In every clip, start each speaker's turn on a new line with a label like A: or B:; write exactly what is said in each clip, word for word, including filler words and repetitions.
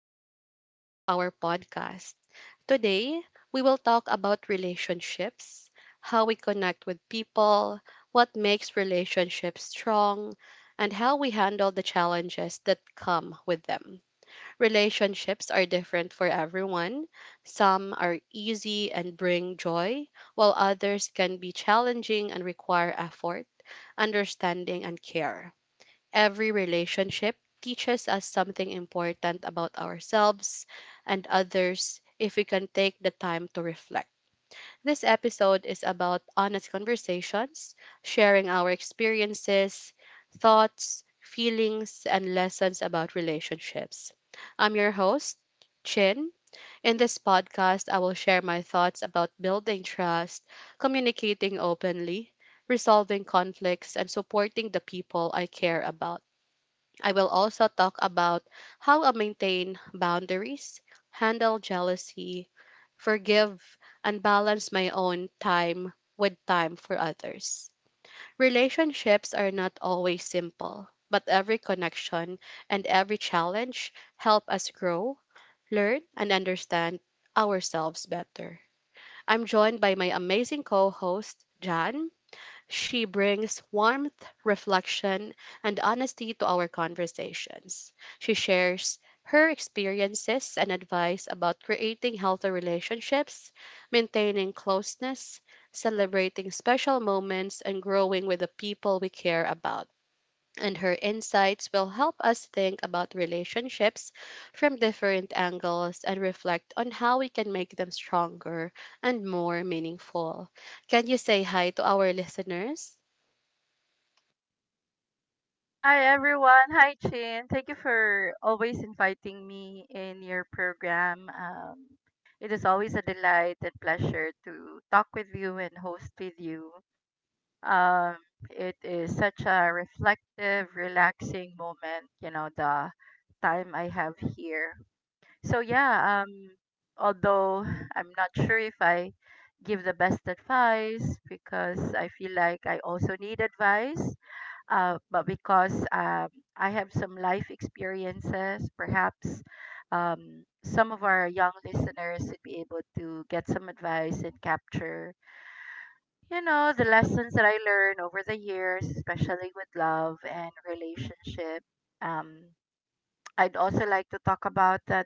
A: and welcome back to our podcast. Today, we will talk about relationships, how we connect with people, what makes relationships strong, and how we handle the challenges that come with them. Relationships are different for everyone. Some are easy and bring joy, while others can be challenging and require effort, understanding, and care. Every relationship teaches us something important about ourselves and others if we can take the time to reflect. This episode is about honest conversations, sharing our experiences, thoughts, feelings, and lessons about relationships. I'm your host, Chin. In this podcast, I will share my thoughts about building trust, communicating openly, resolving conflicts, and supporting the people I care about. I will also talk about how I maintain boundaries, handle jealousy, forgive, and balance my own time with time for others. Relationships are not always simple, but every connection and every challenge help us grow, learn, and understand ourselves better. I'm joined by my amazing co host, Jan. She brings warmth, reflection, and honesty to our conversations. She shares her experiences and advice about creating healthy relationships, maintaining closeness, celebrating special moments, and growing with the people we care about. And her insights will help us think about relationships from different angles and reflect on how we can make them stronger and more meaningful. Can you say hi to our listeners?
B: Hi everyone. Hi Chin. Thank you for always inviting me in your program. Um, it is always a delight and pleasure to talk with you and host with you. Um, it is such a reflective, relaxing moment, you know, the time I have here. So yeah, um, although I'm not sure if I give the best advice because I feel like I also need advice uh, but because um, I have some life experiences, perhaps um, some of our young listeners would be able to get some advice and capture, you know, the lessons that I learned over the years, especially with love and relationship. Um, I'd also like to talk about that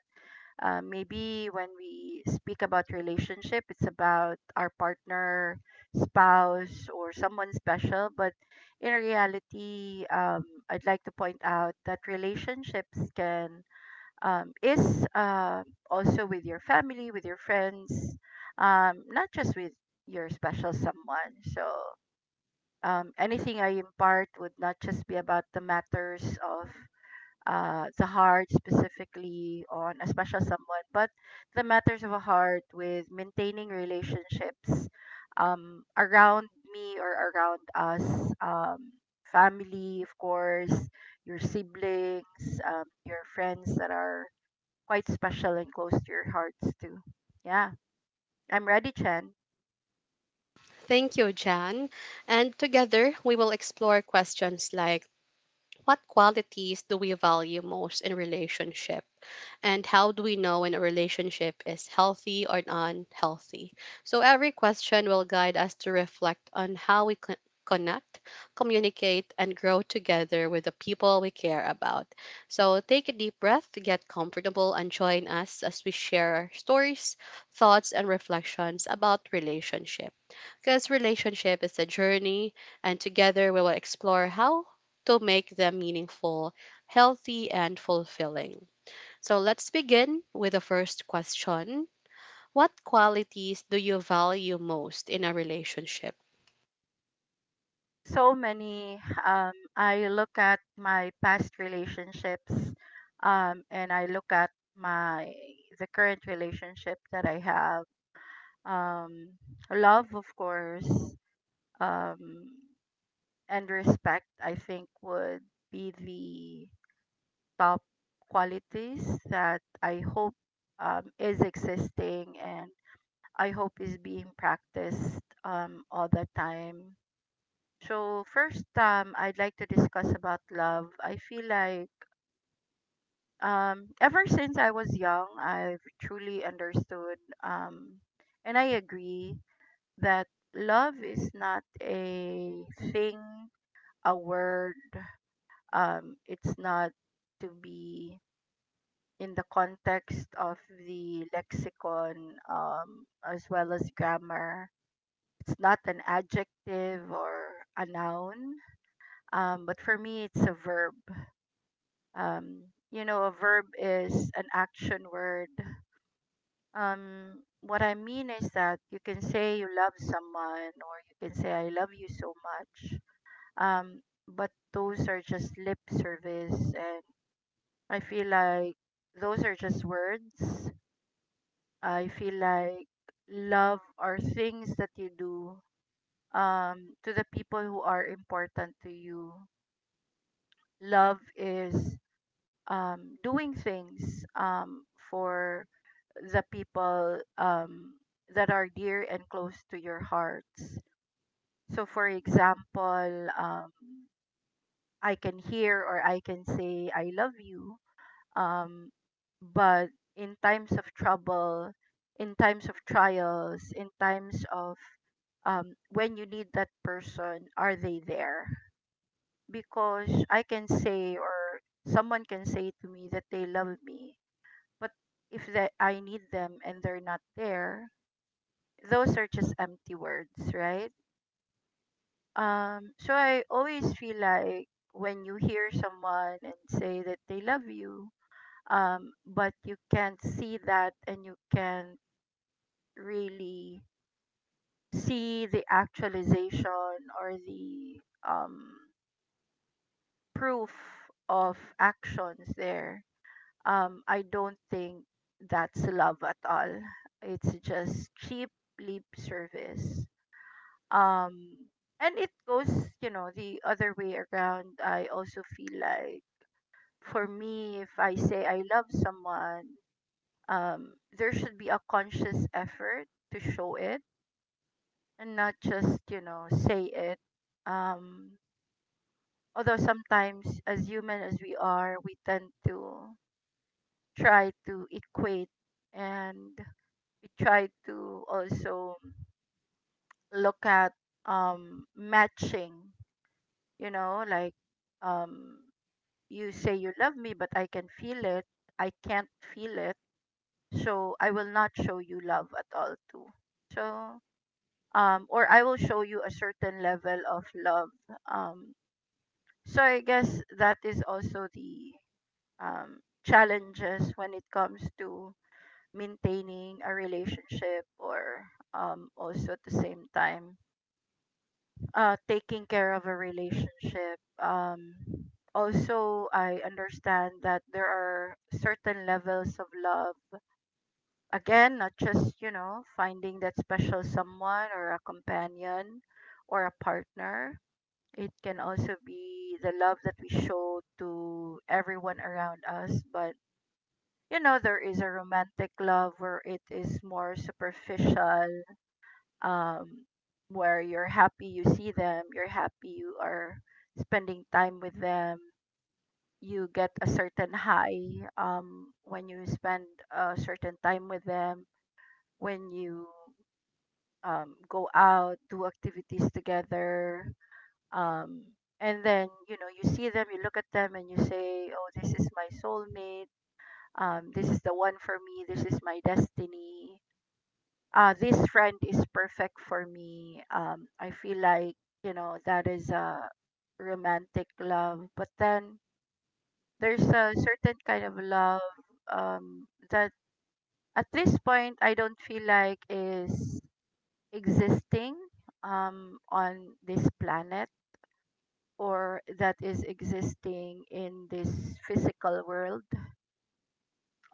B: uh, maybe when we speak about relationship it's about our partner, spouse, or someone special, but in reality, um, I'd like to point out that relationships can um, is uh, also with your family, with your friends, um, not just with your special someone. So um, anything I impart would not just be about the matters of uh, the heart specifically on a special someone, but the matters of a heart with maintaining relationships um, around me or around us, um, family, of course, your siblings, um, your friends that are quite special and close to your hearts too. Yeah, I'm ready, Chen.
A: Thank you, Jan. And together, we will explore questions like what qualities do we value most in relationship and how do we know when a relationship is healthy or unhealthy. So every question will guide us to reflect on how we con- connect, communicate, and grow together with the people we care about. So take a deep breath, get comfortable, and join us as we share our stories, thoughts, and reflections about relationship, because relationship is a journey, and together we will explore how to make them meaningful, healthy, and fulfilling. So let's begin with the first question. What qualities do you value most in a relationship?
B: So many. um I look at my past relationships, um and I look at my the current relationship that I have. um Love, of course, um and respect, I think, would be the top qualities that I hope um, is existing, and I hope is being practiced um all the time. So first, um, I'd like to discuss about love. I feel like um, ever since I was young, I've truly understood, um, and I agree that love is not a thing, a word. Um, it's not to be in the context of the lexicon, um, as well as grammar. It's not an adjective or a noun, um, but for me, it's a verb. um you know, a verb is an action word. Um what I mean is that you can say you love someone, or you can say I love you so much, um but those are just lip service, and I feel like those are just words. I feel like love are things that you do um to the people who are important to you. Love is um doing things um for the people um, that are dear and close to your hearts. So, for example, um, I can hear or I can say, I love you. Um, but in times of trouble, in times of trials, in times of um, when you need that person, are they there? Because I can say, or someone can say to me that they love me, but if that I need them and they're not there, those are just empty words, right? Um, so I always feel like when you hear someone and say that they love you, um, but you can't see that and you can't really see the actualization or the um, proof of actions there, um, I don't think that's love at all. It's just cheap lip service, um and it goes, you know, the other way around. I also feel like for me, if I say I love someone, um there should be a conscious effort to show it and not just, you know, say it. um Although sometimes, as human as we are, we tend to try to equate and we try to also look at um matching, you know, like, um you say you love me, but I can feel it. I can't feel it. So I will not show you love at all too. So um or I will show you a certain level of love. Um so I guess that is also the um challenges when it comes to maintaining a relationship, or um also at the same time uh taking care of a relationship. Um also, I understand that there are certain levels of love. Again, not just, you know, finding that special someone or a companion or a partner. It can also be the love that we show to everyone around us. But you know, there is a romantic love where it is more superficial, um, where you're happy you see them, you're happy you are spending time with them. You get a certain high um, when you spend a certain time with them, when you um, go out, do activities together. Um, and then, you know, you see them, you look at them, and you say, oh, this is my soulmate. Um, this is the one for me. This is my destiny. Uh, this friend is perfect for me. Um, I feel like, you know, that is a romantic love. But then there's a certain kind of love um, that at this point I don't feel like is existing um, on this planet, or that is existing in this physical world.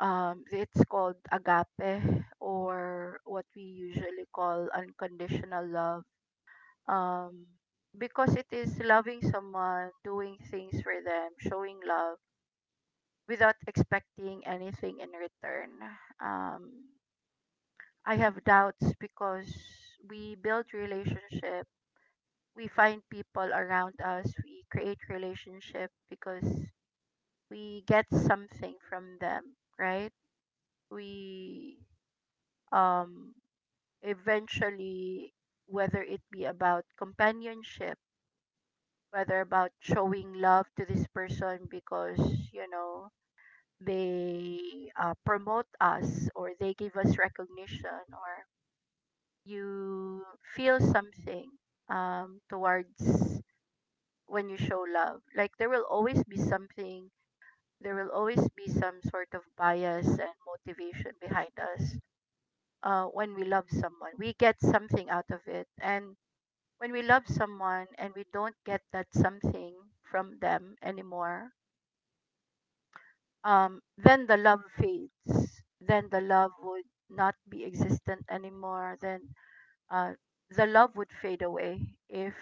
B: Um, it's called agape, or what we usually call unconditional love, um because it is loving someone, doing things for them, showing love without expecting anything in return. um I have doubts because we build relationship, we find people around us, we create relationship because we get something from them, right? We um eventually, whether it be about companionship, whether about showing love to this person because, you know, they uh, promote us or they give us recognition, or you feel something um, towards when you show love, like there will always be something, there will always be some sort of bias and motivation behind us. Uh, when we love someone, we get something out of it, and when we love someone and we don't get that something from them anymore, um then the love fades, then the love would not be existent anymore, then uh the love would fade away if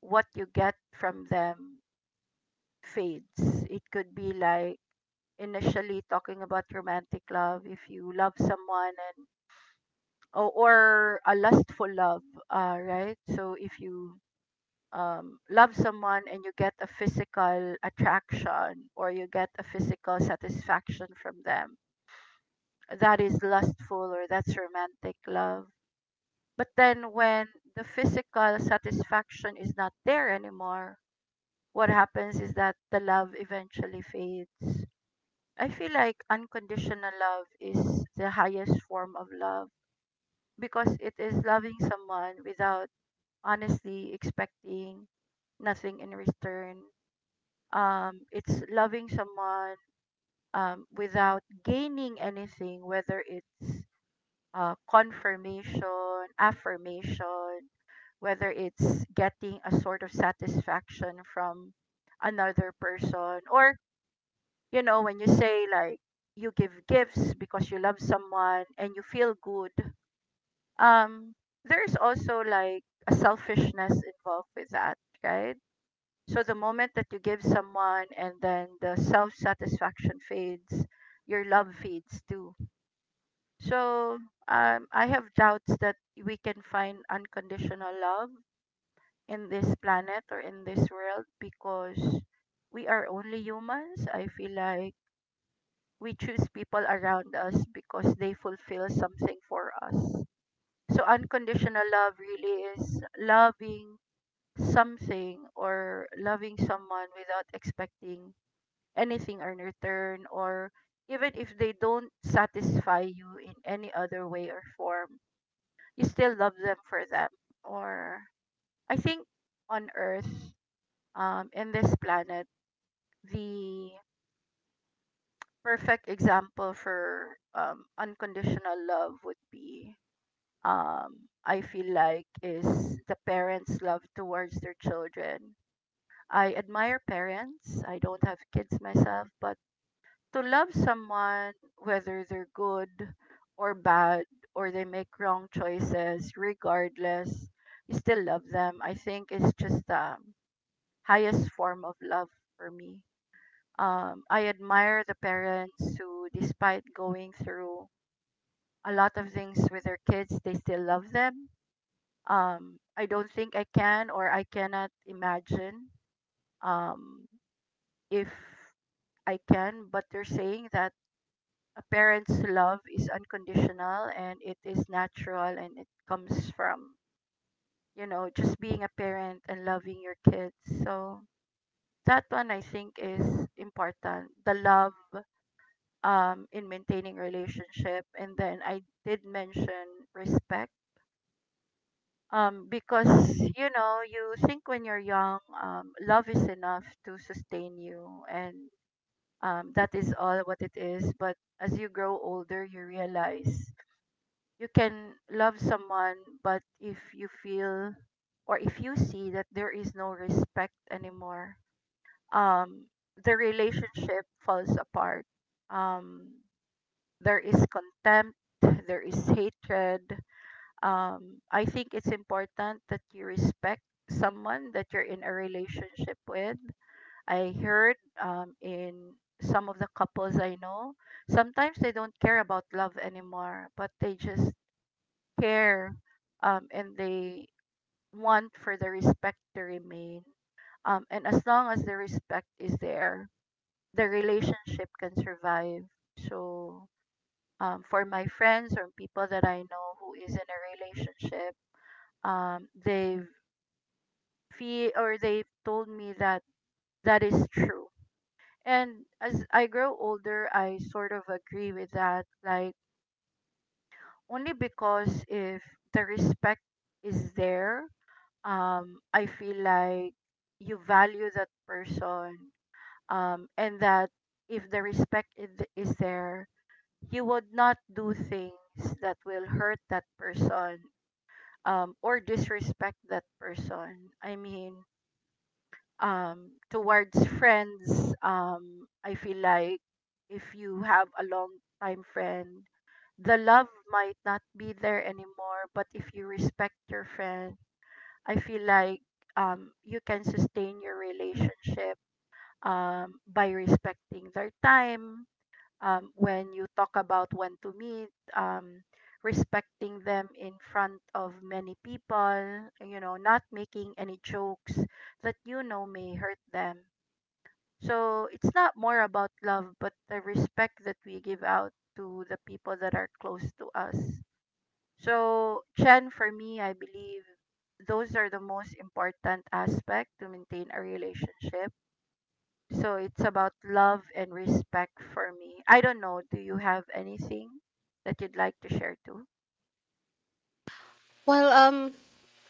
B: what you get from them fades. It could be like, initially talking about romantic love, if you love someone and or, or a lustful love, uh right? So if you um, love someone and you get a physical attraction or you get a physical satisfaction from them, that is lustful, or that's romantic love. But then when the physical satisfaction is not there anymore, what happens is that the love eventually fades. I feel like unconditional love is the highest form of love because it is loving someone without honestly expecting nothing in return. Um, it's loving someone um, without gaining anything, whether it's uh, confirmation, affirmation, whether it's getting a sort of satisfaction from another person, or, you know, when you say like you give gifts because you love someone and you feel good, um, there's also like a selfishness involved with that, right? So the moment that you give someone and then the self satisfaction fades, your love fades too. So um, I have doubts that we can find unconditional love in this planet or in this world because we are only humans. I feel like we choose people around us because they fulfill something for us. So unconditional love really is loving something or loving someone without expecting anything in return, or even if they don't satisfy you in any other way or form, you still love them for them. Or I think on earth, um in this planet, the perfect example for um unconditional love would be, um I feel like, is the parents love towards their children. I admire parents. I don't have kids myself, but to love someone, whether they're good or bad, or they make wrong choices, regardless, you still love them. I think it's just the highest form of love for me. Um, I admire the parents who, despite going through a lot of things with their kids, they still love them. Um, I don't think I can, or I cannot imagine um, if I can, but they're saying that a parent's love is unconditional, and it is natural, and it comes from, you know, just being a parent and loving your kids. So that one, I think, is important, the love um in maintaining relationship. And then I did mention respect, um because you know, you think when you're young, um love is enough to sustain you, and um that is all what it is, but as you grow older, you realize you can love someone, but if you feel or if you see that there is no respect anymore, um, the relationship falls apart. Um, there is contempt, there is hatred. Um, I think it's important that you respect someone that you're in a relationship with. I heard um, in some of the couples I know, sometimes they don't care about love anymore, but they just care, um, and they want for the respect to remain. Um, and as long as the respect is there, the relationship can survive. So, um, for my friends or people that I know who is in a relationship, um, they've feel or they've told me that that is true. And as I grow older, I sort of agree with that. Like only because if the respect is there, um, I feel like you value that person, um, and that if the respect i- th- is there, you would not do things that will hurt that person, um, or disrespect that person. I mean, um, towards friends, um, I feel like if you have a long time friend, the love might not be there anymore, but if you respect your friend, I feel like um, you can sustain your relationship um, by respecting their time. Um, when you talk about when to meet, um, respecting them in front of many people, you know, not making any jokes that you know may hurt them. So it's not more about love, but the respect that we give out to the people that are close to us. So, Chen, for me, I believe those are the most important aspect to maintain a relationship. So it's about love and respect for me. I don't know. Do you have anything that you'd like to share too?
A: Well, um,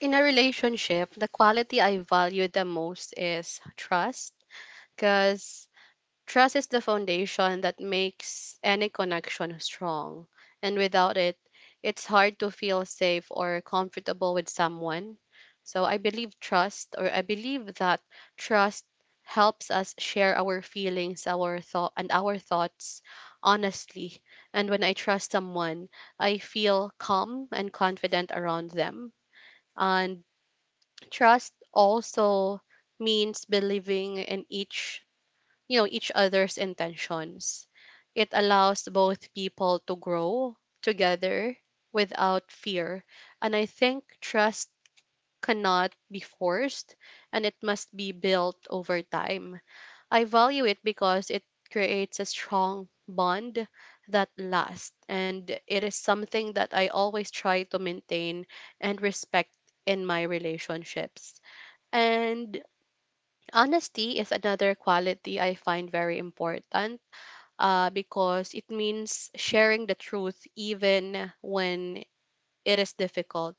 A: in a relationship, the quality I value the most is trust, because trust is the foundation that makes any connection strong, and without it, it's hard to feel safe or comfortable with someone. So I believe trust, or I believe that trust helps us share our feelings, our thought, and our thoughts honestly. And when I trust someone, I feel calm and confident around them. And trust also means believing in each you know, each other's intentions. It allows both people to grow together without fear. And I think trust cannot be forced, and it must be built over time. I value it because it creates a strong bond that lasts, and it is something that I always try to maintain and respect in my relationships. And honesty is another quality I find very important, uh, because it means sharing the truth even when it is difficult.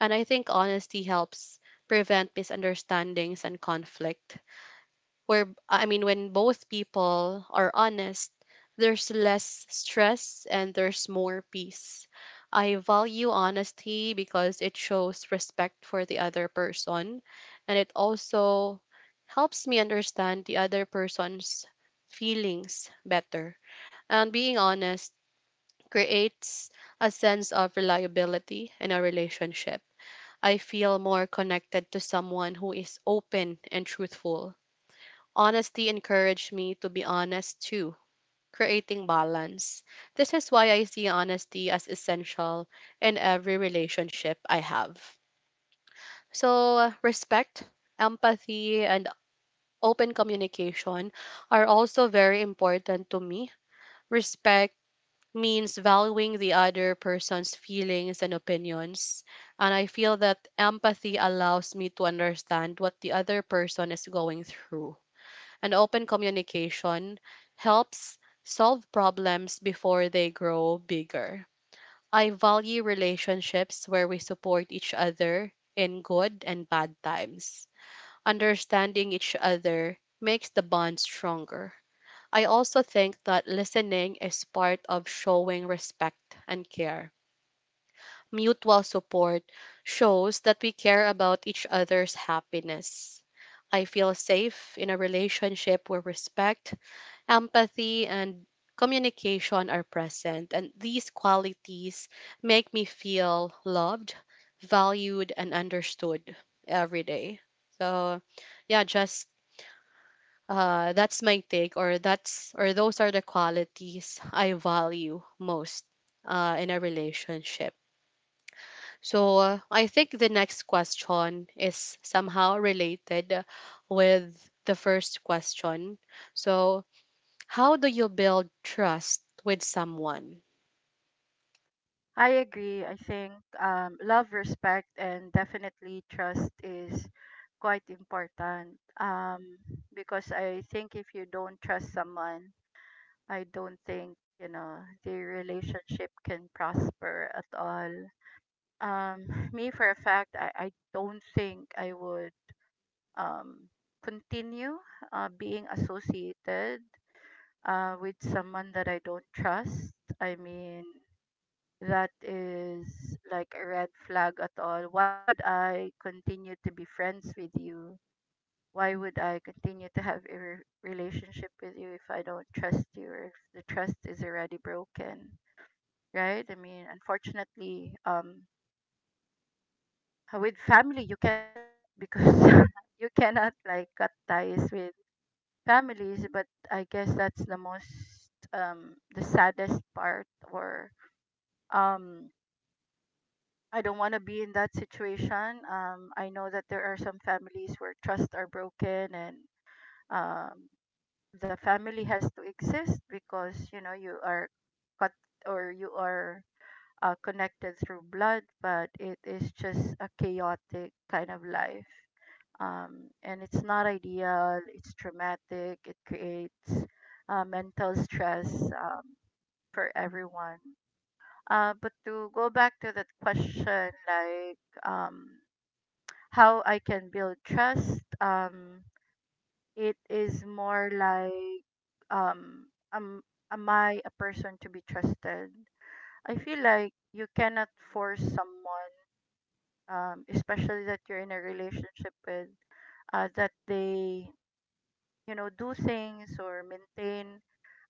A: And I think honesty helps prevent misunderstandings and conflict. Where, I mean, when both people are honest, there's less stress and there's more peace. I value honesty because it shows respect for the other person, and it also helps me understand the other person's feelings better. And being honest creates a sense of reliability in a relationship. I feel more connected to someone who is open and truthful. Honesty encouraged me to be honest too, creating balance. This is why I see honesty as essential in every relationship I have. So, uh, respect, empathy, and open communication are also very important to me. Respect means valuing the other person's feelings and opinions. And I feel that empathy allows me to understand what the other person is going through. And open communication helps solve problems before they grow bigger. I value relationships where we support each other in good and bad times. Understanding each other makes the bond stronger. I also think that listening is part of showing respect and care. Mutual support shows that we care about each other's happiness. I feel safe in a relationship where respect, empathy, and communication are present, and these qualities make me feel loved, valued, and understood every day. So, yeah, just uh, that's my take, or that's, or those are the qualities I value most uh, in a relationship. So uh, I think the next question is somehow related with the first question. So how do you build trust with someone?
B: I agree. I think um, love, respect, and definitely trust is quite important. Um, because I think if you don't trust someone, I don't think you know the relationship can prosper at all. um me for a fact, i, I don't think I would, um continue, uh, being associated, uh, with someone that I don't trust. I mean, that is like a red flag at all. Why would I continue to be friends with you? Why would I continue to have a re- relationship with you if I don't trust you, or if the trust is already broken, right? I mean, unfortunately, um with family you can't do that, because you cannot like cut ties with families. But I guess that's the most um the saddest part, or, um I don't want to be in that situation. um I know that there are some families where trusts are broken, and, um the family has to exist, because you know you are cut, or you are, uh, connected through blood, but it is just a chaotic kind of life, um, and it's not ideal. It's traumatic. It creates, uh, mental stress, um, for everyone. Uh, but to go back to that question, like, um, how I can build trust, um, it is more like, um, am, am I a person to be trusted? I feel like you cannot force someone, um, especially that you're in a relationship with, uh, that they, you know, do things or maintain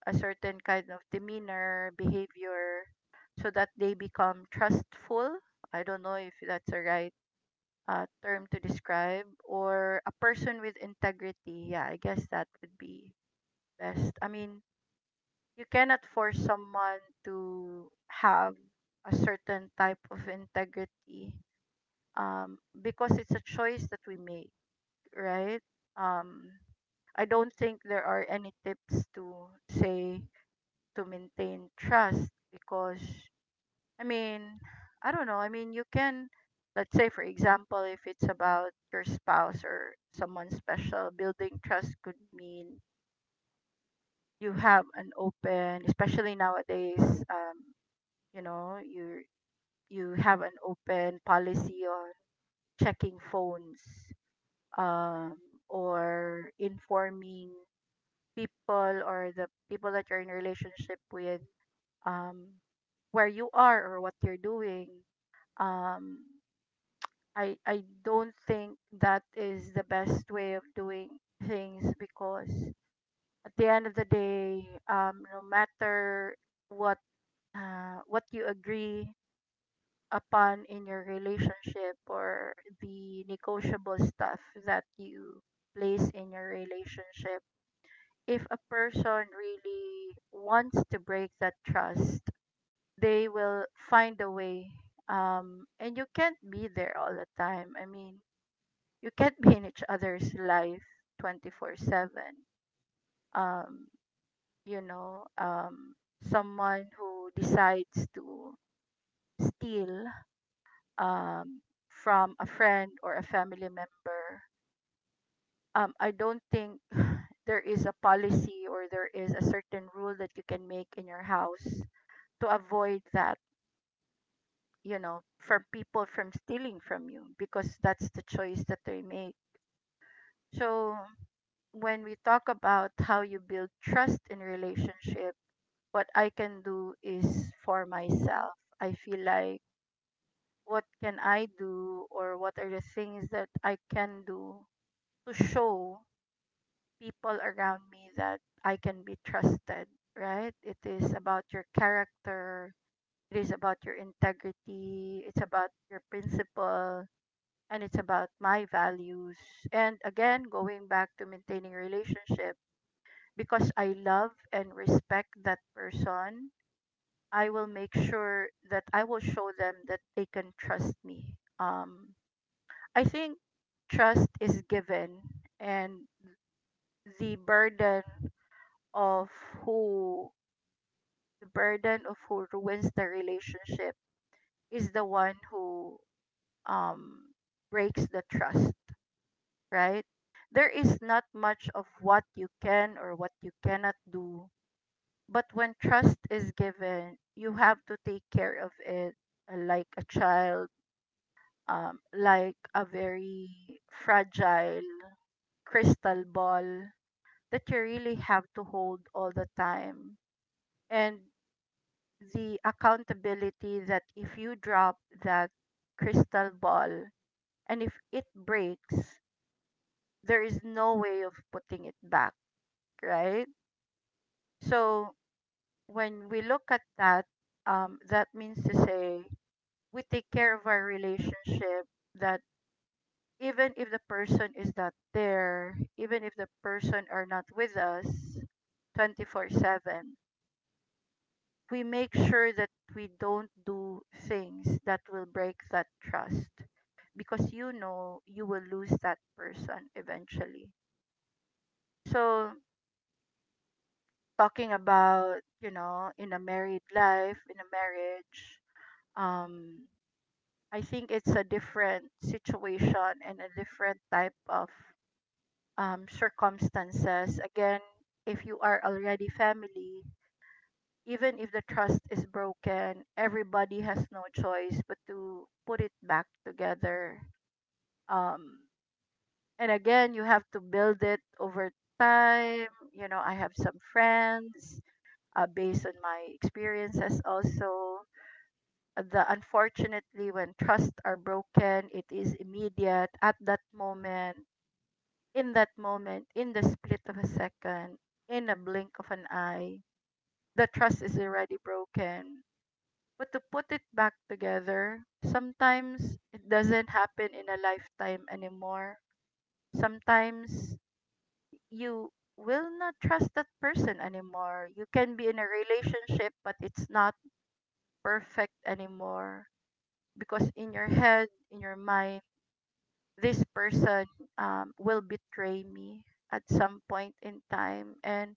B: a certain kind of demeanor, behavior, so that they become trustful. I don't know if that's the right, uh, term to describe, or a person with integrity. Yeah, I guess that would be best. I mean, you cannot force someone to have a certain type of integrity, um, because it's a choice that we make, right? Um, I don't think there are any tips to say to maintain trust, because, I mean, I don't know. I mean, you can, let's say for example, if it's about your spouse or someone special, building trust could mean you have an open, especially nowadays, um, you know, you you have an open policy on checking phones, um or informing people, or the people that you're in relationship with, um where you are or what you're doing. um i i don't think that is the best way of doing things, because at the end of the day, um no matter what uh, what you agree upon in your relationship, or the negotiable stuff that you place in your relationship, if a person really wants to break that trust, they will find a way. Um, and you can't be there all the time. I mean, you can't be in each other's life twenty-four seven. Um, you know, um, someone who decides to steal, um, from a friend or a family member, um, I don't think there is a policy, or there is a certain rule that you can make in your house to avoid that, you know, from people from stealing from you, because that's the choice that they make. So when we talk about how you build trust in relationship, what I can do is for myself. I feel like what can I do, or what are the things that I can do to show people around me that I can be trusted, right? It is about your character, it is about your integrity, it's about your principle, and it's about my values. And again, going back to maintaining relationship, because I love and respect that person, I will make sure that I will show them that they can trust me. Um, I think trust is given, and the burden of who the burden of who ruins the relationship is the one who, um, breaks the trust, right? There is not much of what you can or what you cannot do, but when trust is given, you have to take care of it, uh, like a child, um, like a very fragile crystal ball that you really have to hold all the time. And the accountability that if you drop that crystal ball and if it breaks, there is no way of putting it back, right? So when we look at that, um, that means to say we take care of our relationship, that even if the person is not there, even if the person are not with us twenty-four seven, we make sure that we don't do things that will break that trust, because you know you will lose that person eventually. So talking about, you know in a married life, in a marriage, um I think it's a different situation and a different type of, um, circumstances. Again, if you are already family, even if the trust is broken, everybody has no choice but to put it back together. um and again, you have to build it over time. you know I have some friends, uh, based on my experiences also, the, unfortunately, when trust are broken, it is immediate, at that moment, in that moment, in the split of a second, in a blink of an eye, the trust is already broken. But to put it back together, sometimes it doesn't happen in a lifetime anymore. Sometimes you will not trust that person anymore. You can be in a relationship, but it's not perfect anymore, because in your head, in your mind, this person, um, will betray me at some point in time, and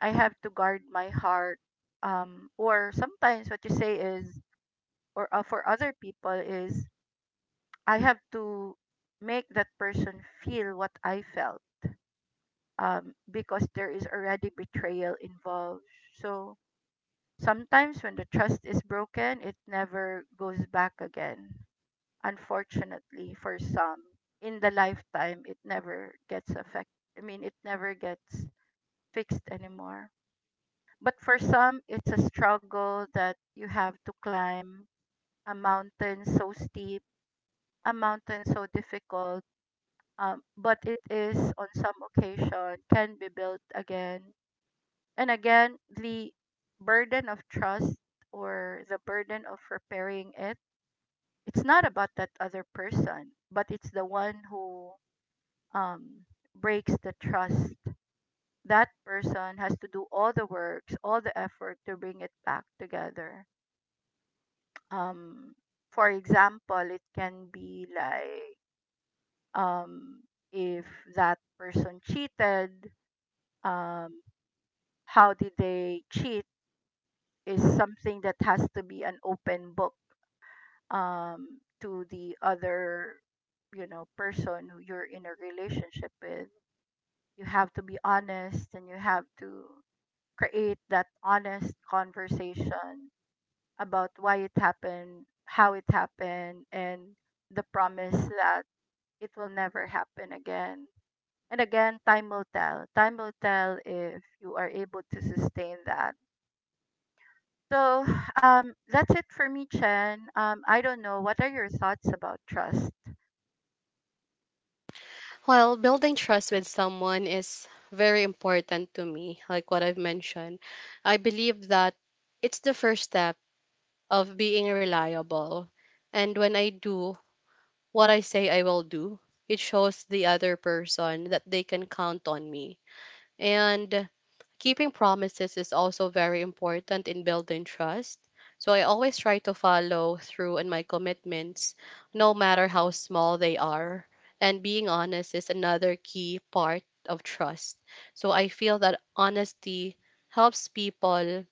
B: I have to guard my heart. Um, or sometimes what you say is, or, uh, for other people is, I have to make that person feel what I felt, um, because there is already betrayal involved. So sometimes when the trust is broken, it never goes back again. Unfortunately for some, in the lifetime it never gets affected. I mean, it never gets fixed anymore. But for some, it's a struggle that you have to climb a mountain so steep, a mountain so difficult, um, but it is, on some occasion, can be built again. And again, the burden of trust, or the burden of repairing it, it's not about that other person, but it's the one who, um, breaks the trust. That person has to do all the works, all the effort to bring it back together. Um, for example, it can be like, um, if that person cheated, um, how did they cheat is something that has to be an open book, um, to the other, you know, person who you're in a relationship with. You have to be honest and you have to create that honest conversation about why it happened, how it happened, and the promise that it will never happen again. And again, time will tell. Time will tell if you are able to sustain that. So um, that's it for me, Chen. Um, I don't know. What are your thoughts about trust?
A: Well, building trust with someone is very important to me. Like what I've mentioned, I believe that it's the first step of being reliable. And when I do what I say I will do, it shows the other person that they can count on me. And keeping promises is also very important in building trust. So I always try to follow through on my commitments, no matter how small they are. And being honest is another key part of trust. So I feel that honesty helps people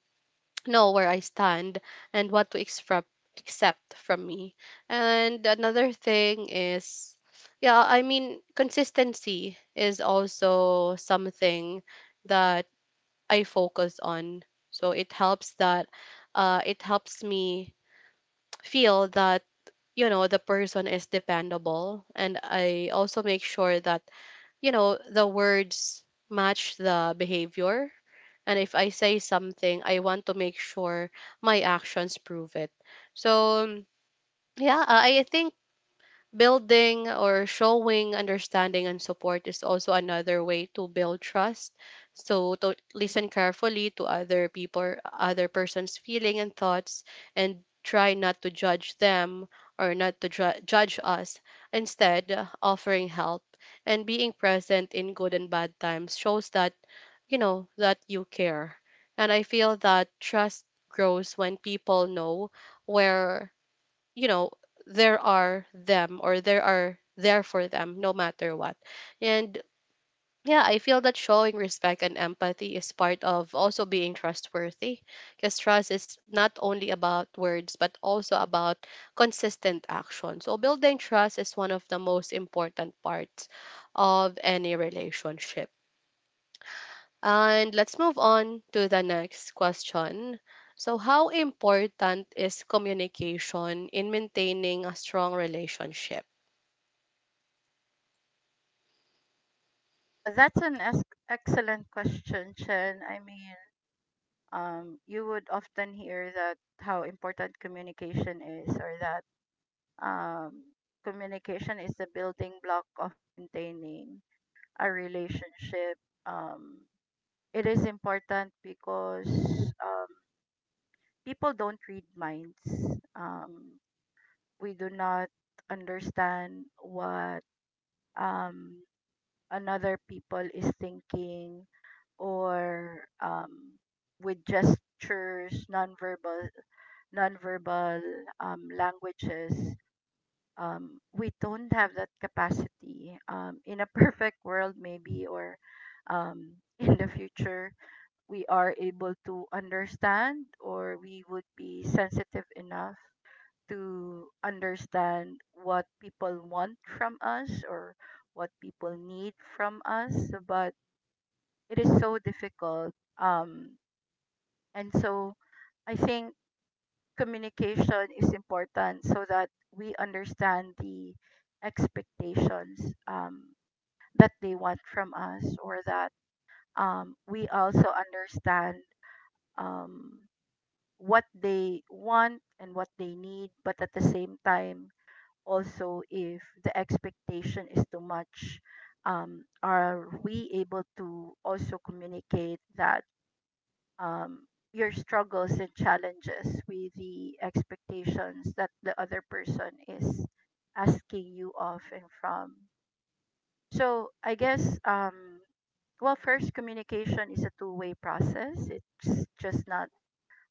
A: know where I stand and what to expect, accept from me. And another thing is, yeah, I mean, consistency is also something that I focus on. So it helps that uh it helps me feel that, you know, the person is dependable. And I also make sure that, you know, the words match the behavior, and if I say something, I want to make sure my actions prove it. So, yeah, I I think building or showing understanding and support is also another way to build trust. So to listen carefully to other people, other person's feeling and thoughts, and try not to judge them or not to ju- judge us. Instead, uh, offering help and being present in good and bad times shows that, you know, that you care. And I feel that trust grows when people know where, you know, there are them, or there are there for them no matter what. And yeah, I feel that showing respect and empathy is part of also being trustworthy, because trust is not only about words but also about consistent action. So building trust is one of the most important parts of any relationship. And let's move on to the next question. So how important is communication in maintaining a strong relationship?
B: Uh, that's an ex- excellent question, Chen. I mean, um, you would often hear that how important communication is, or that, um, communication is the building block of maintaining a relationship. Um, it is important because, um, people don't read minds. Um, we do not understand what, um, another people is thinking, or, um, with gestures, nonverbal, nonverbal um, languages, um, we don't have that capacity. Um, in a perfect world, maybe, or, um, in the future, we are able to understand, or we would be sensitive enough to understand what people want from us or what people need from us. But it is so difficult. Um, and so I think communication is important so that we understand the expectations um, that they want from us or that um, we also understand um, what they want and what they need, but at the same time, also, if the expectation is too much, um, are we able to also communicate that um, your struggles and challenges with the expectations that the other person is asking you of and from. So I guess, um, well, first, communication is a two way process, it's just not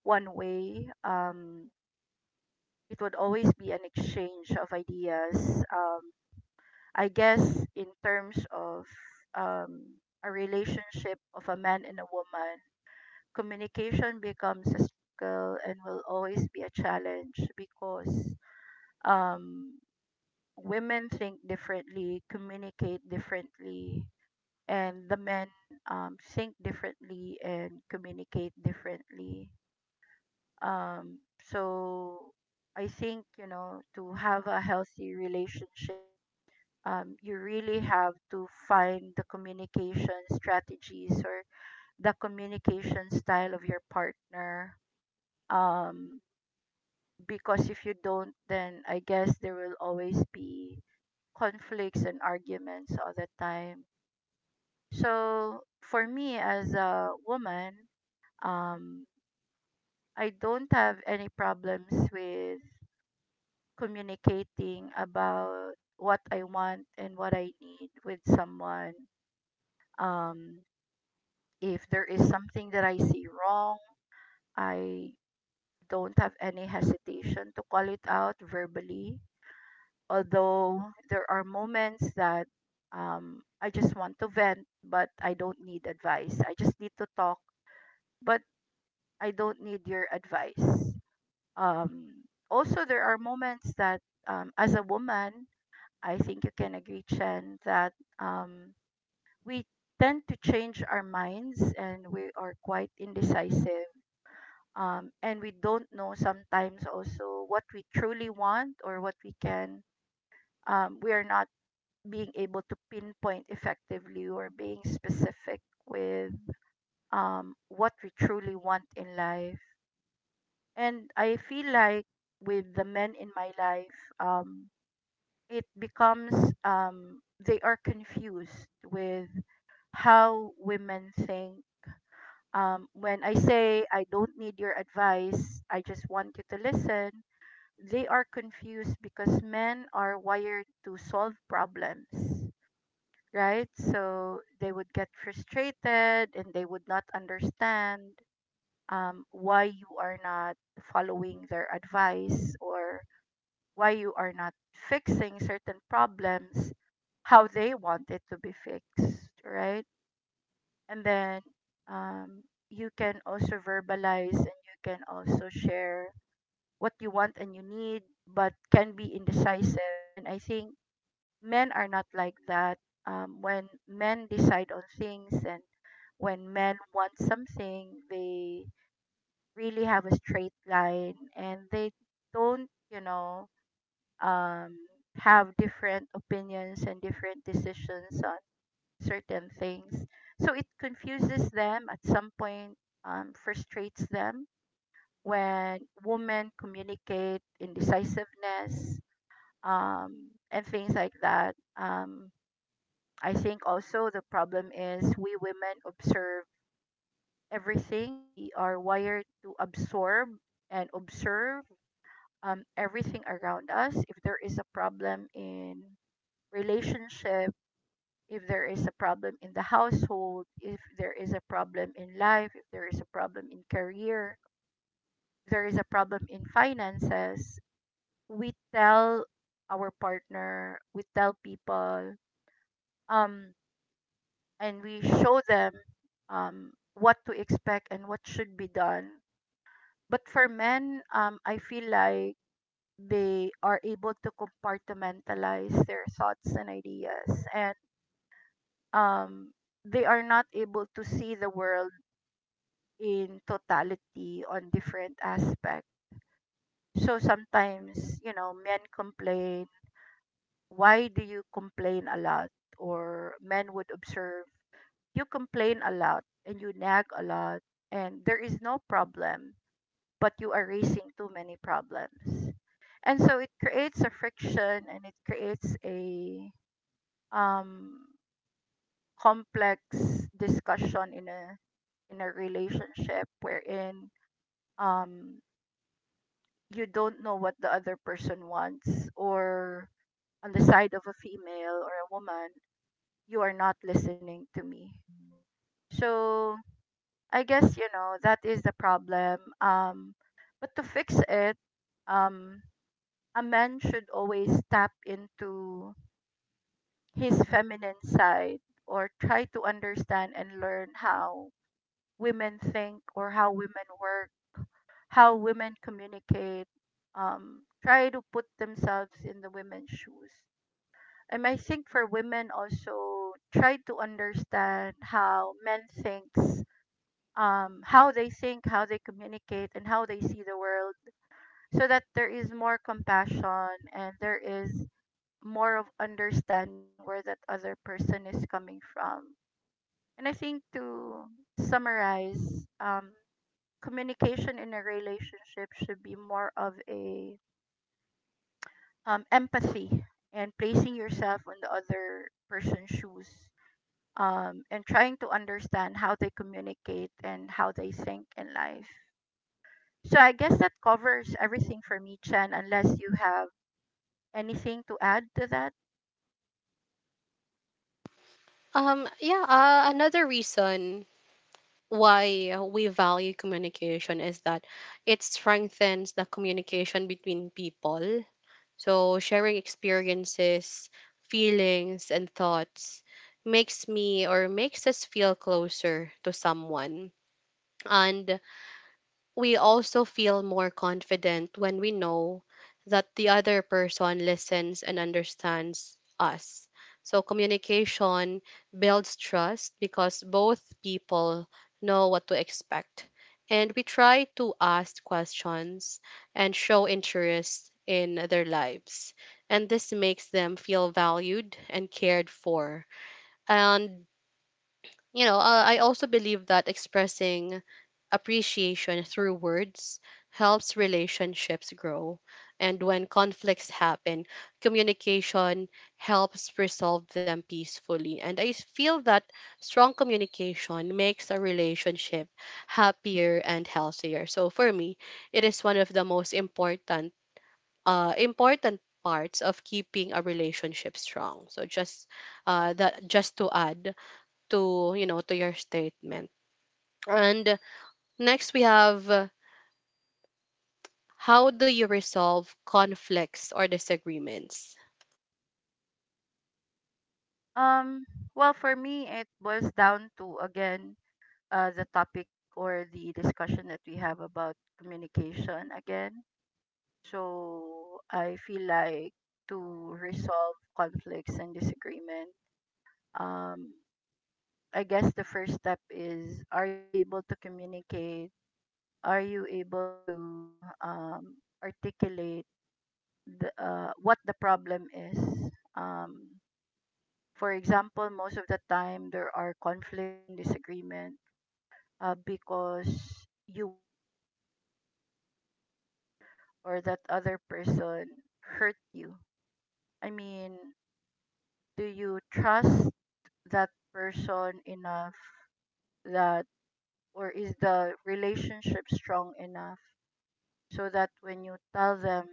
B: one way. Um, it would always be an exchange of ideas. Um, I guess, in terms of um, a relationship of a man and a woman, communication becomes a struggle and will always be a challenge because um, women think differently, communicate differently, and the men um, think differently and communicate differently. Um, so I think, you know, to have a healthy relationship, um, you really have to find the communication strategies or the communication style of your partner, um because if you don't, then I guess there will always be conflicts and arguments all the time. So for me, as a woman, um I don't have any problems with communicating about what I want and what I need with someone. um if there is something that I see wrong, I don't have any hesitation to call it out verbally, although there are moments that, um, I just want to vent, but I don't need advice. I just need to talk, but I don't need your advice. Um, Also, there are moments that, um, as a woman, I think you can agree, Chen, that um, we tend to change our minds and we are quite indecisive. Um, and we don't know sometimes also what we truly want, or what we can, um, we are not being able to pinpoint effectively or being specific with um, what we truly want in life. And I feel like with the men in my life, um, it becomes um, they are confused with how women think. Um, when I say I don't need your advice, I just want you to listen, they are confused because men are wired to solve problems, right? So they would get frustrated and they would not understand um, why you are not following their advice, or why you are not fixing certain problems how they want it to be fixed, right? And then um, you can also verbalize and you can also share what you want and you need, but can be indecisive. And I think men are not like that. Um, when men decide on things, and when men want something, they really have a straight line and they don't, you know, um, have different opinions and different decisions on certain things. So it confuses them at some point, um, frustrates them when women communicate indecisiveness um, and things like that. Um, I think also the problem is, we women observe everything. We are wired to absorb and observe um, everything around us. If there is a problem in relationship, if there is a problem in the household, if there is a problem in life, if there is a problem in career, if there is a problem in finances, we tell our partner, we tell people, um, and we show them um, what to expect and what should be done. But for men, um, I feel like they are able to compartmentalize their thoughts and ideas, and um, they are not able to see the world in totality on different aspects. So sometimes, you know, men complain, why do you complain a lot? Or men would observe, you complain a lot and you nag a lot, and there is no problem, but you are raising too many problems. And so it creates a friction and it creates a um, complex discussion in a in a relationship wherein um, you don't know what the other person wants, or on the side of a female or a woman, you are not listening to me. So I guess, you know, that is the problem. Um, but to fix it, um, a man should always tap into his feminine side, or try to understand and learn how women think, or how women work, how women communicate. Um, try to put themselves in the women's shoes. And I think for women, also try to understand how men thinks, um, how they think, how they communicate, and how they see the world, so that there is more compassion and there is more of understanding where that other person is coming from. And I think, to summarize, um, communication in a relationship should be more of a um, empathy and placing yourself on the other person's shoes. Um, and trying to understand how they communicate and how they think in life. So I guess that covers everything for me, Chen, unless you have anything to add to that.
A: Um, yeah, uh, another reason why we value communication is that it strengthens the communication between people. So sharing experiences, feelings, and thoughts makes me, or makes us, feel closer to someone. And we also feel more confident when we know that the other person listens and understands us. So communication builds trust because both people know what to expect. And we try to ask questions and show interest in their lives. And this makes them feel valued and cared for. And, you know, uh, I also believe that expressing appreciation through words helps relationships grow. And when conflicts happen, communication helps resolve them peacefully. And I feel that strong communication makes a relationship happier and healthier. So for me, it is one of the most important uh, important parts of keeping a relationship strong. So just uh, that, just to add to, you know, to your statement. And next we have, how do you resolve conflicts or disagreements?
B: Um, well, for me, it boils down to, again, uh, the topic or the discussion that we have about communication again. So I feel like, to resolve conflicts and disagreement, um, I guess the first step is, are you able to communicate? Are you able to um, articulate the, uh, what the problem is. Um, for example, most of the time there are conflicts and disagreement uh, because you were hurt, or you feel hurt, or that other person hurt you. I mean, do you trust that person enough that, or is the relationship strong enough, so that when you tell them,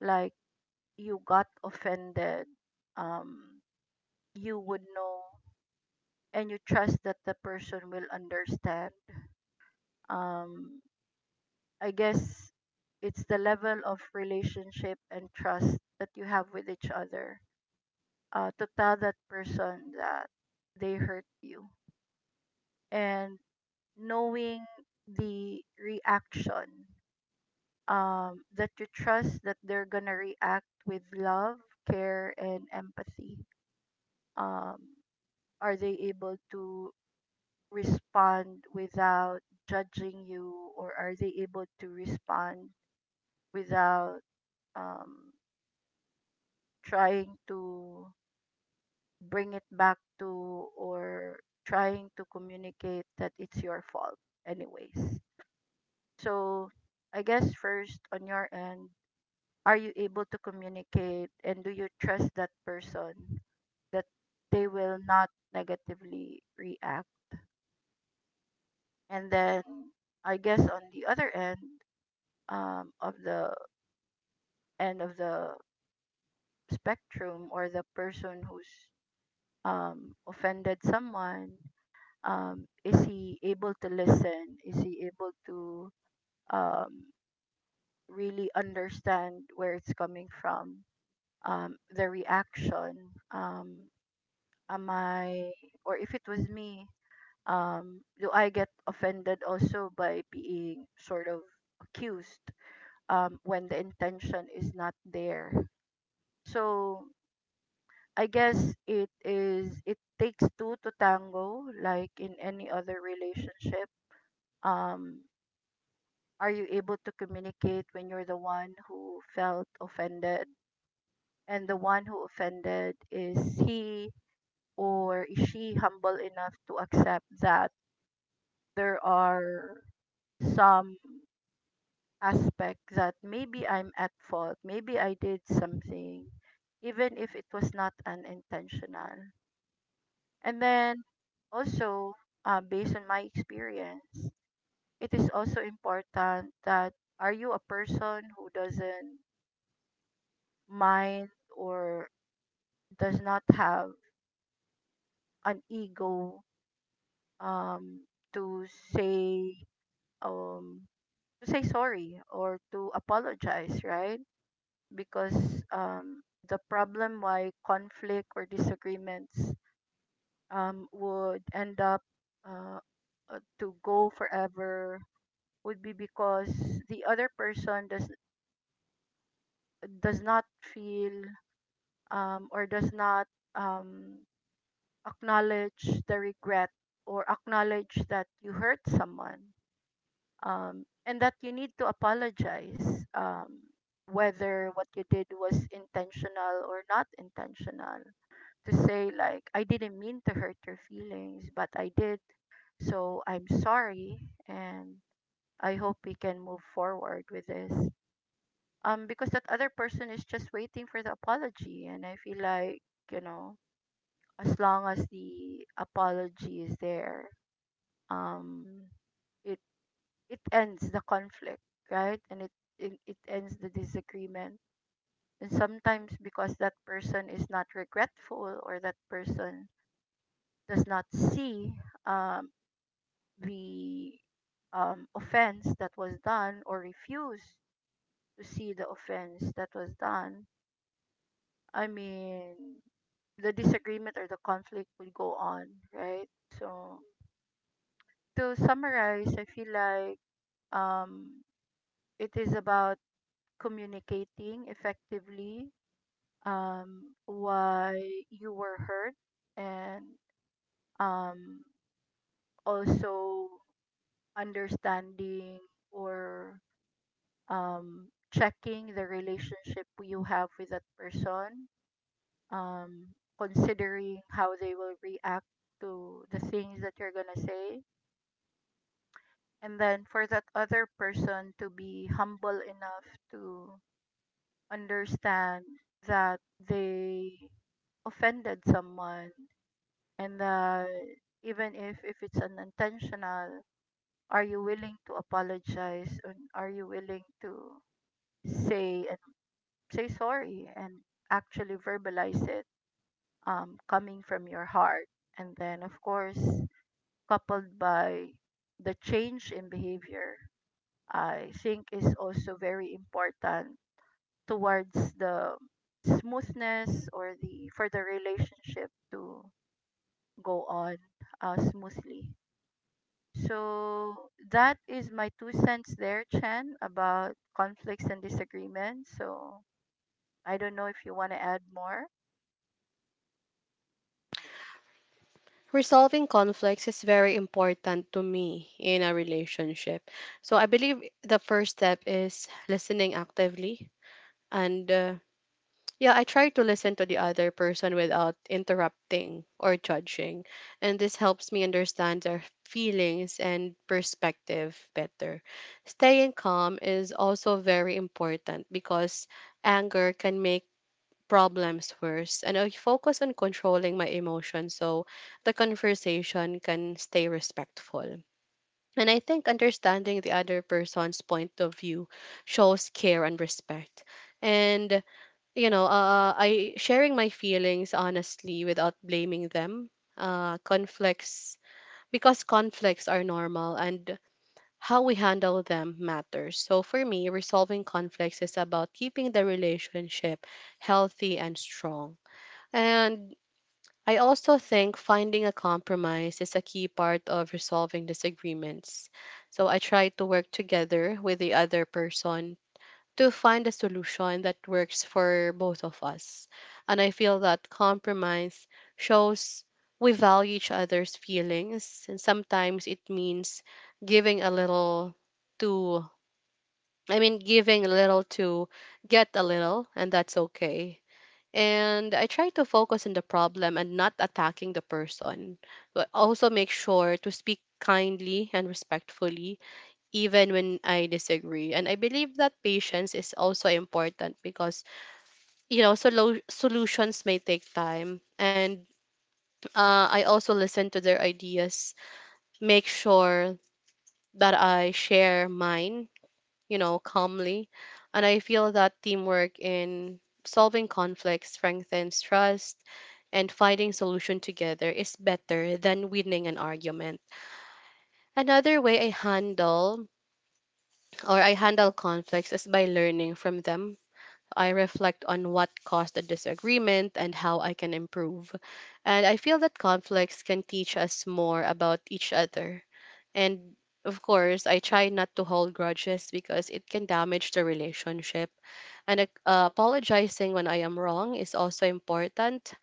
B: like, you got offended, um you would know and you trust that the person will understand. Um, I guess it's the level of relationship and trust that you have with each other uh, to tell that person that they hurt you, and knowing the reaction, um, that you trust that they're gonna react with love, care and empathy. um, are they able to respond without judging you, or are they able to respond without um, trying to bring it back to, or trying to communicate that it's your fault anyways. So I guess, first, on your end, are you able to communicate, and do you trust that person, that they will not negatively react? And then I guess, on the other end, um, of the end of the spectrum, or the person who's um, offended someone, um, is he able to listen, is he able to um, really understand where it's coming from, um, the reaction, um, am I, or if it was me, um, do I get offended also by being sort of accused um, when the intention is not there. So I guess, it is, it takes two to tango, like in any other relationship. Um are you able to communicate when you're the one who felt offended, and the one who offended, is he or is she humble enough to accept that there are some aspect that maybe I'm at fault, maybe I did something even if it was not unintentional. And then also, uh, based on my experience, it is also important that, are you a person who doesn't mind, or does not have an ego um, to say, um, to say sorry, or to apologize, right? Because um, the problem why conflict or disagreements um, would end up, uh, uh, to go forever, would be because the other person does does not feel, um, or does not um, acknowledge the regret, or acknowledge that you hurt someone, um, and that you need to apologize, um, whether what you did was intentional or not intentional, to say like, I didn't mean to hurt your feelings, but I did, so I'm sorry, and I hope we can move forward with this, um because that other person is just waiting for the apology, and I feel like, you know, as long as the apology is there, um it it ends the conflict, right? And it it, it ends the disagreement. And sometimes, because that person is not regretful, or that person does not see um the um offense that was done, or refuse to see the offense that was done, I mean, the disagreement or the conflict would go on, right? So, to summarize, I feel like, um, it is about communicating effectively, um, why you were hurt, and um, also understanding, or um, checking the relationship you have with that person, um, considering how they will react to the things that you're gonna say. And then for that other person to be humble enough to understand that they offended someone, and that even if, if it's unintentional, are you willing to apologize, and are you willing to say, and say sorry, and actually verbalize it, um, coming from your heart? And then, of course, coupled by the change in behavior, I think, is also very important towards the smoothness, or the, for the relationship to go on uh, smoothly. So that is my two cents there, Chen, about conflicts and disagreements. So I don't know if you want to add more.
A: Resolving conflicts is very important to me in a relationship. So I believe the first step is listening actively. And uh, yeah, I try to listen to the other person without interrupting or judging. And this helps me understand their feelings and perspective better. Staying calm is also very important because anger can make problems first, and I focus on controlling my emotions so the conversation can stay respectful. And I think understanding the other person's point of view shows care and respect. And you know, uh, I sharing my feelings honestly without blaming them. Uh, conflicts, because conflicts are normal, and how we handle them matters. So for me, resolving conflicts is about keeping the relationship healthy and strong. And I also think finding a compromise is a key part of resolving disagreements. So I try to work together with the other person to find a solution that works for both of us. And I feel that compromise shows we value each other's feelings, and sometimes it means giving a little to, I mean, giving a little to get a little, and that's okay. And I try to focus on the problem and not attacking the person, but also make sure to speak kindly and respectfully, even when I disagree. And I believe that patience is also important because, you know, solo- solutions may take time. And uh, I also listen to their ideas, make sure that I share mine, you know, calmly. And I feel that teamwork in solving conflicts strengthens trust, and finding solution together is better than winning an argument. Another way I handle or I handle conflicts is by learning from them. I reflect on what caused the disagreement and how I can improve. And I feel that conflicts can teach us more about each other. And of course, I try not to hold grudges because it can damage the relationship, and uh, apologizing when I am wrong is also important.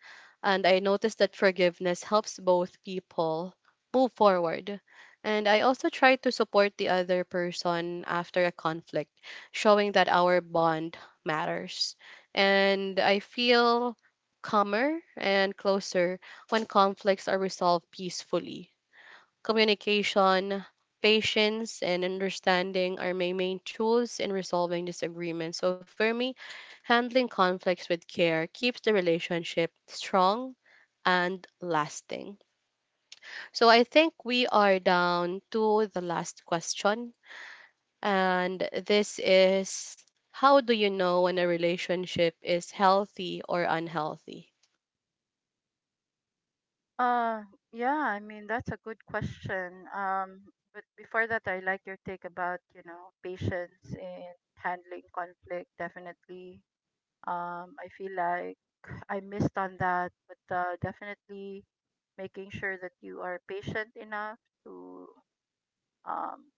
A: And I noticed that forgiveness helps both people move forward. And I also try to support the other person after a conflict, showing that our bond matters. And I feel calmer and closer when conflicts are resolved peacefully. Communication, patience, and understanding are my main tools in resolving disagreements. So for me, handling conflicts with care keeps the relationship strong and lasting. So I think we are down to the last question. And this is, how do you know when a relationship is healthy or unhealthy?
B: Uh, yeah, I mean, that's a good question. Um, but before that, I like your take about, you know, patience in handling conflict, definitely. Um, I feel like I missed on that, but uh, definitely making sure that you are patient enough to um,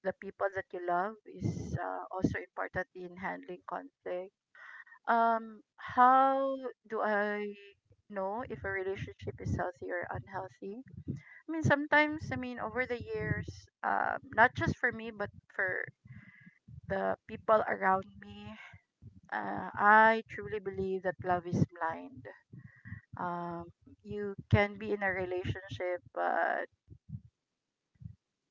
B: the people that you love is uh, also important in handling conflict. Um, how do I know if a relationship is healthy or unhealthy? I mean, sometimes, I mean, over the years, uh, not just for me, but for the people around me, uh, I truly believe that love is blind. Um, you can be in a relationship, but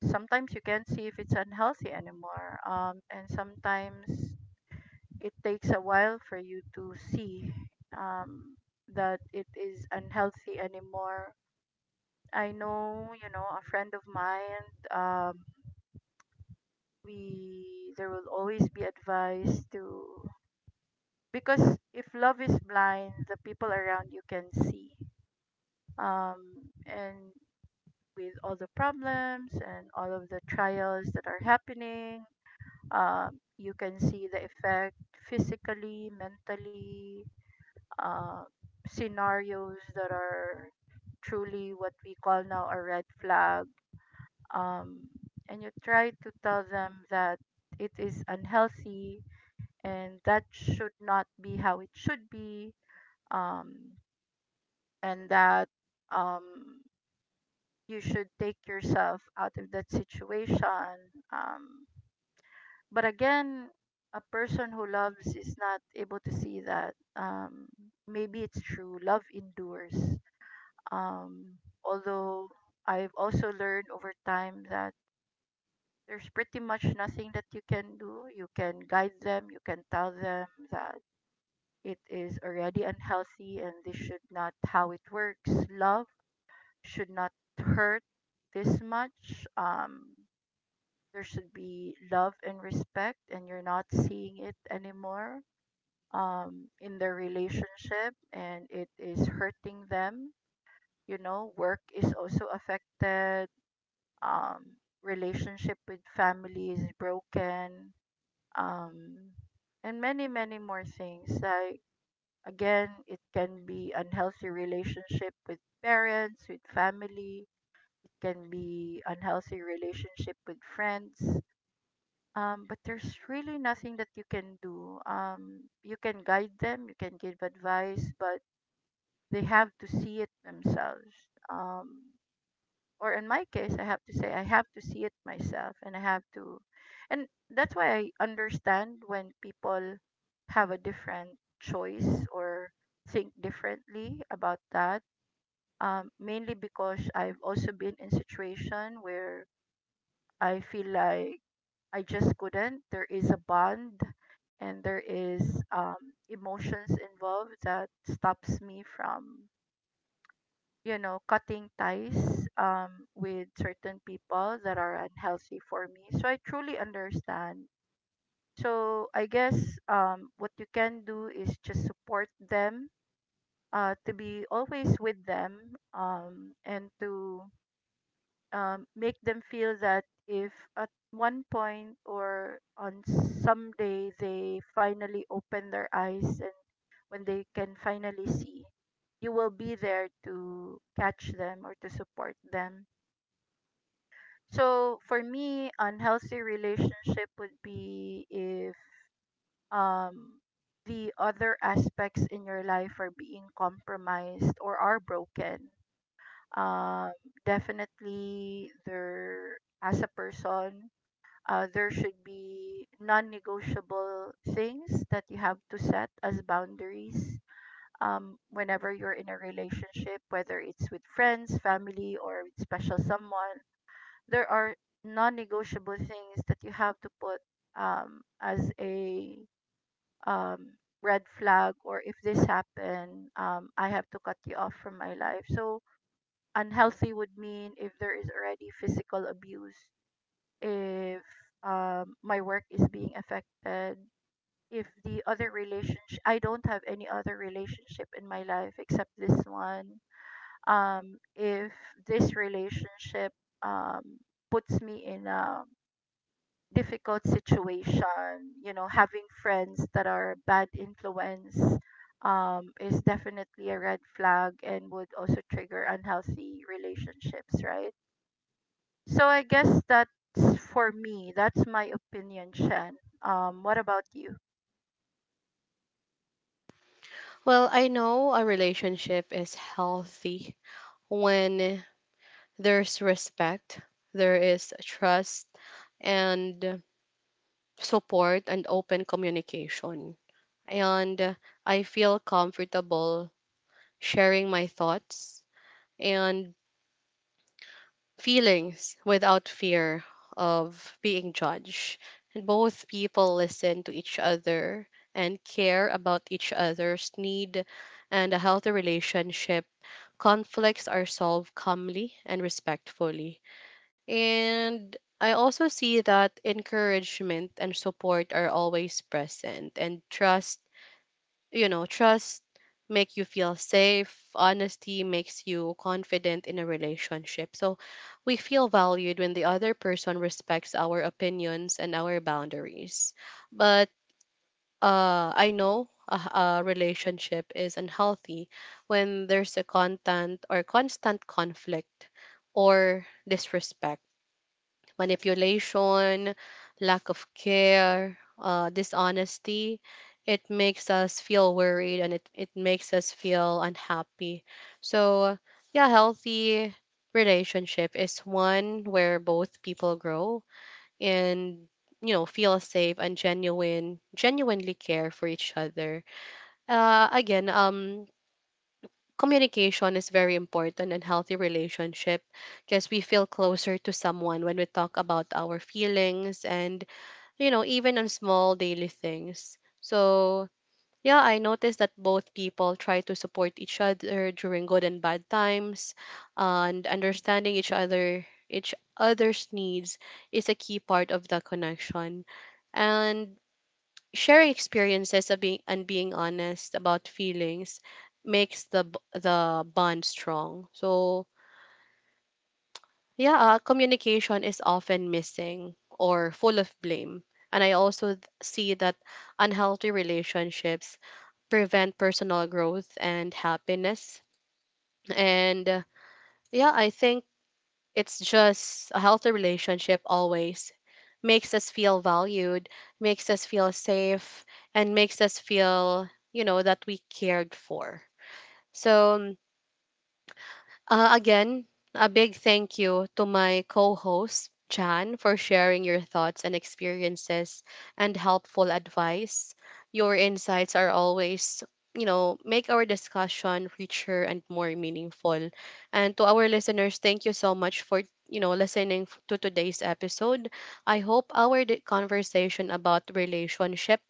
B: sometimes you can't see if it's unhealthy anymore. Um, and sometimes it takes a while for you to see um, that it is unhealthy anymore. I know, you know, a friend of mine. Um, we there will always be advice to because if love is blind the people around you can see um and with all the problems and all of the trials that are happening um you can see the effect physically mentally uh, scenarios that are truly what we call now a red flag um and you try to tell them that it is unhealthy and that should not be how it should be um and that um you should take yourself out of that situation um but again a person who loves is not able to see that um maybe it's true love endures um although I've also learned over time that there's pretty much nothing that you can do you can guide them you can tell them that it is already unhealthy and this should not how it works. Love should not hurt this much. Um there should be love and respect and you're not seeing it anymore um in the relationship and it is hurting them. You know, work is also affected. Um Relationship with family is broken. Um and many many more things. I again, it can be unhealthy relationship with parents, with family. It can be unhealthy relationship with friends. Um, but there's really nothing that you can do. Um, you can guide them, you can give advice, but they have to see it themselves. Um, or in my case I have to say I have to see it myself and I have to and that's why I understand when people have a different choice or think differently about that um, mainly because I've also been in situation where I feel like I just couldn't there is a bond and there is um, emotions involved that stops me from you know, cutting ties um, with certain people that are unhealthy for me. So I truly understand. So I guess um, what you can do is just support them, uh, to be always with them, um, and to um, make them feel that if at one point or on some day they finally open their eyes and when they can finally see, you will be there to catch them or to support them. So for me, unhealthy relationship would be if um the other aspects in your life are being compromised or are broken. Um, Definitely there as a person, uh, there should be non-negotiable things that you have to set as boundaries. Um, whenever you're in a relationship, whether it's with friends, family, or with special someone, there are non-negotiable things that you have to put um, as a um, red flag or if this happen um, I have to cut you off from my life so unhealthy would mean if there is already physical abuse if um, my work is being affected if the other relationship I don't have any other relationship in my life except this one um, if this relationship um, puts me in a difficult situation, you know, having friends that are bad influence um, is definitely a red flag and would also trigger unhealthy relationships, right? So I guess that's for me. That's my opinion, Shen. Um, what about you?
A: Well, I know a relationship is healthy when there's respect, there is trust and support and open communication. And I feel comfortable sharing my thoughts and feelings without fear of being judged. And both people listen to each other and care about each other's need and a healthy relationship. Conflicts are solved calmly and respectfully. And I also see that encouragement and support are always present, and trust, you know, trust make you feel safe, honesty makes you confident in a relationship. So we feel valued when the other person respects our opinions and our boundaries. But uh, I know a, a relationship is unhealthy when there's a constant or constant conflict or disrespect, manipulation, lack of care, uh, dishonesty. It makes us feel worried, and it, it makes us feel unhappy. So, yeah, healthy relationship is one where both people grow and, you know, feel safe and genuine genuinely care for each other. Uh again um Communication is very important in healthy relationship, because we feel closer to someone when we talk about our feelings and, you know, even on small daily things. So yeah, I noticed that both people try to support each other during good and bad times, and understanding each other each other's needs is a key part of the connection. And sharing experiences of being, and being honest about feelings makes the b- the bond strong. So yeah, uh, communication is often missing or full of blame. And I also th- see that unhealthy relationships prevent personal growth and happiness. And uh, yeah, I think it's just a healthy relationship always makes us feel valued, makes us feel safe, and makes us feel, you know, that we cared for. So uh, again, a big thank you to my co host, Jan, for sharing your thoughts and experiences and helpful advice. Your insights are always, you know, make our discussion richer and more meaningful. And to our listeners, thank you so much for, you know, listening f- to today's episode. I hope our di- conversation about relationship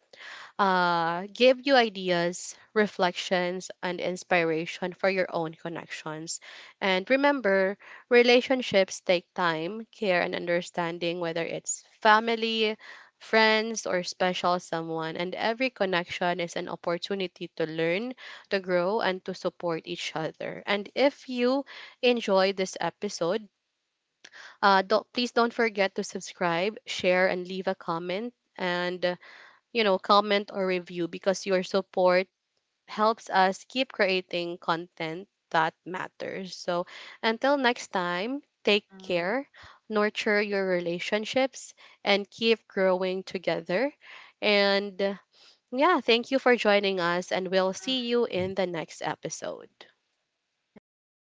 A: uh, give you ideas, reflections, and inspiration for your own connections. And remember, relationships take time, care, and understanding, whether it's family, friends, or special someone. And every connection is an opportunity to learn, to grow, and to support each other. And if you enjoyed this episode, uh, don't, please don't forget to subscribe, share, and leave a comment. And, you know, comment or review, because your support helps us keep creating content that matters. So until next time, take
B: Mm,
A: care, nurture your relationships, and keep growing together. And uh, yeah, thank you for joining us, and we'll
B: mm.
A: see you in the next episode.
B: Thank you, everybody.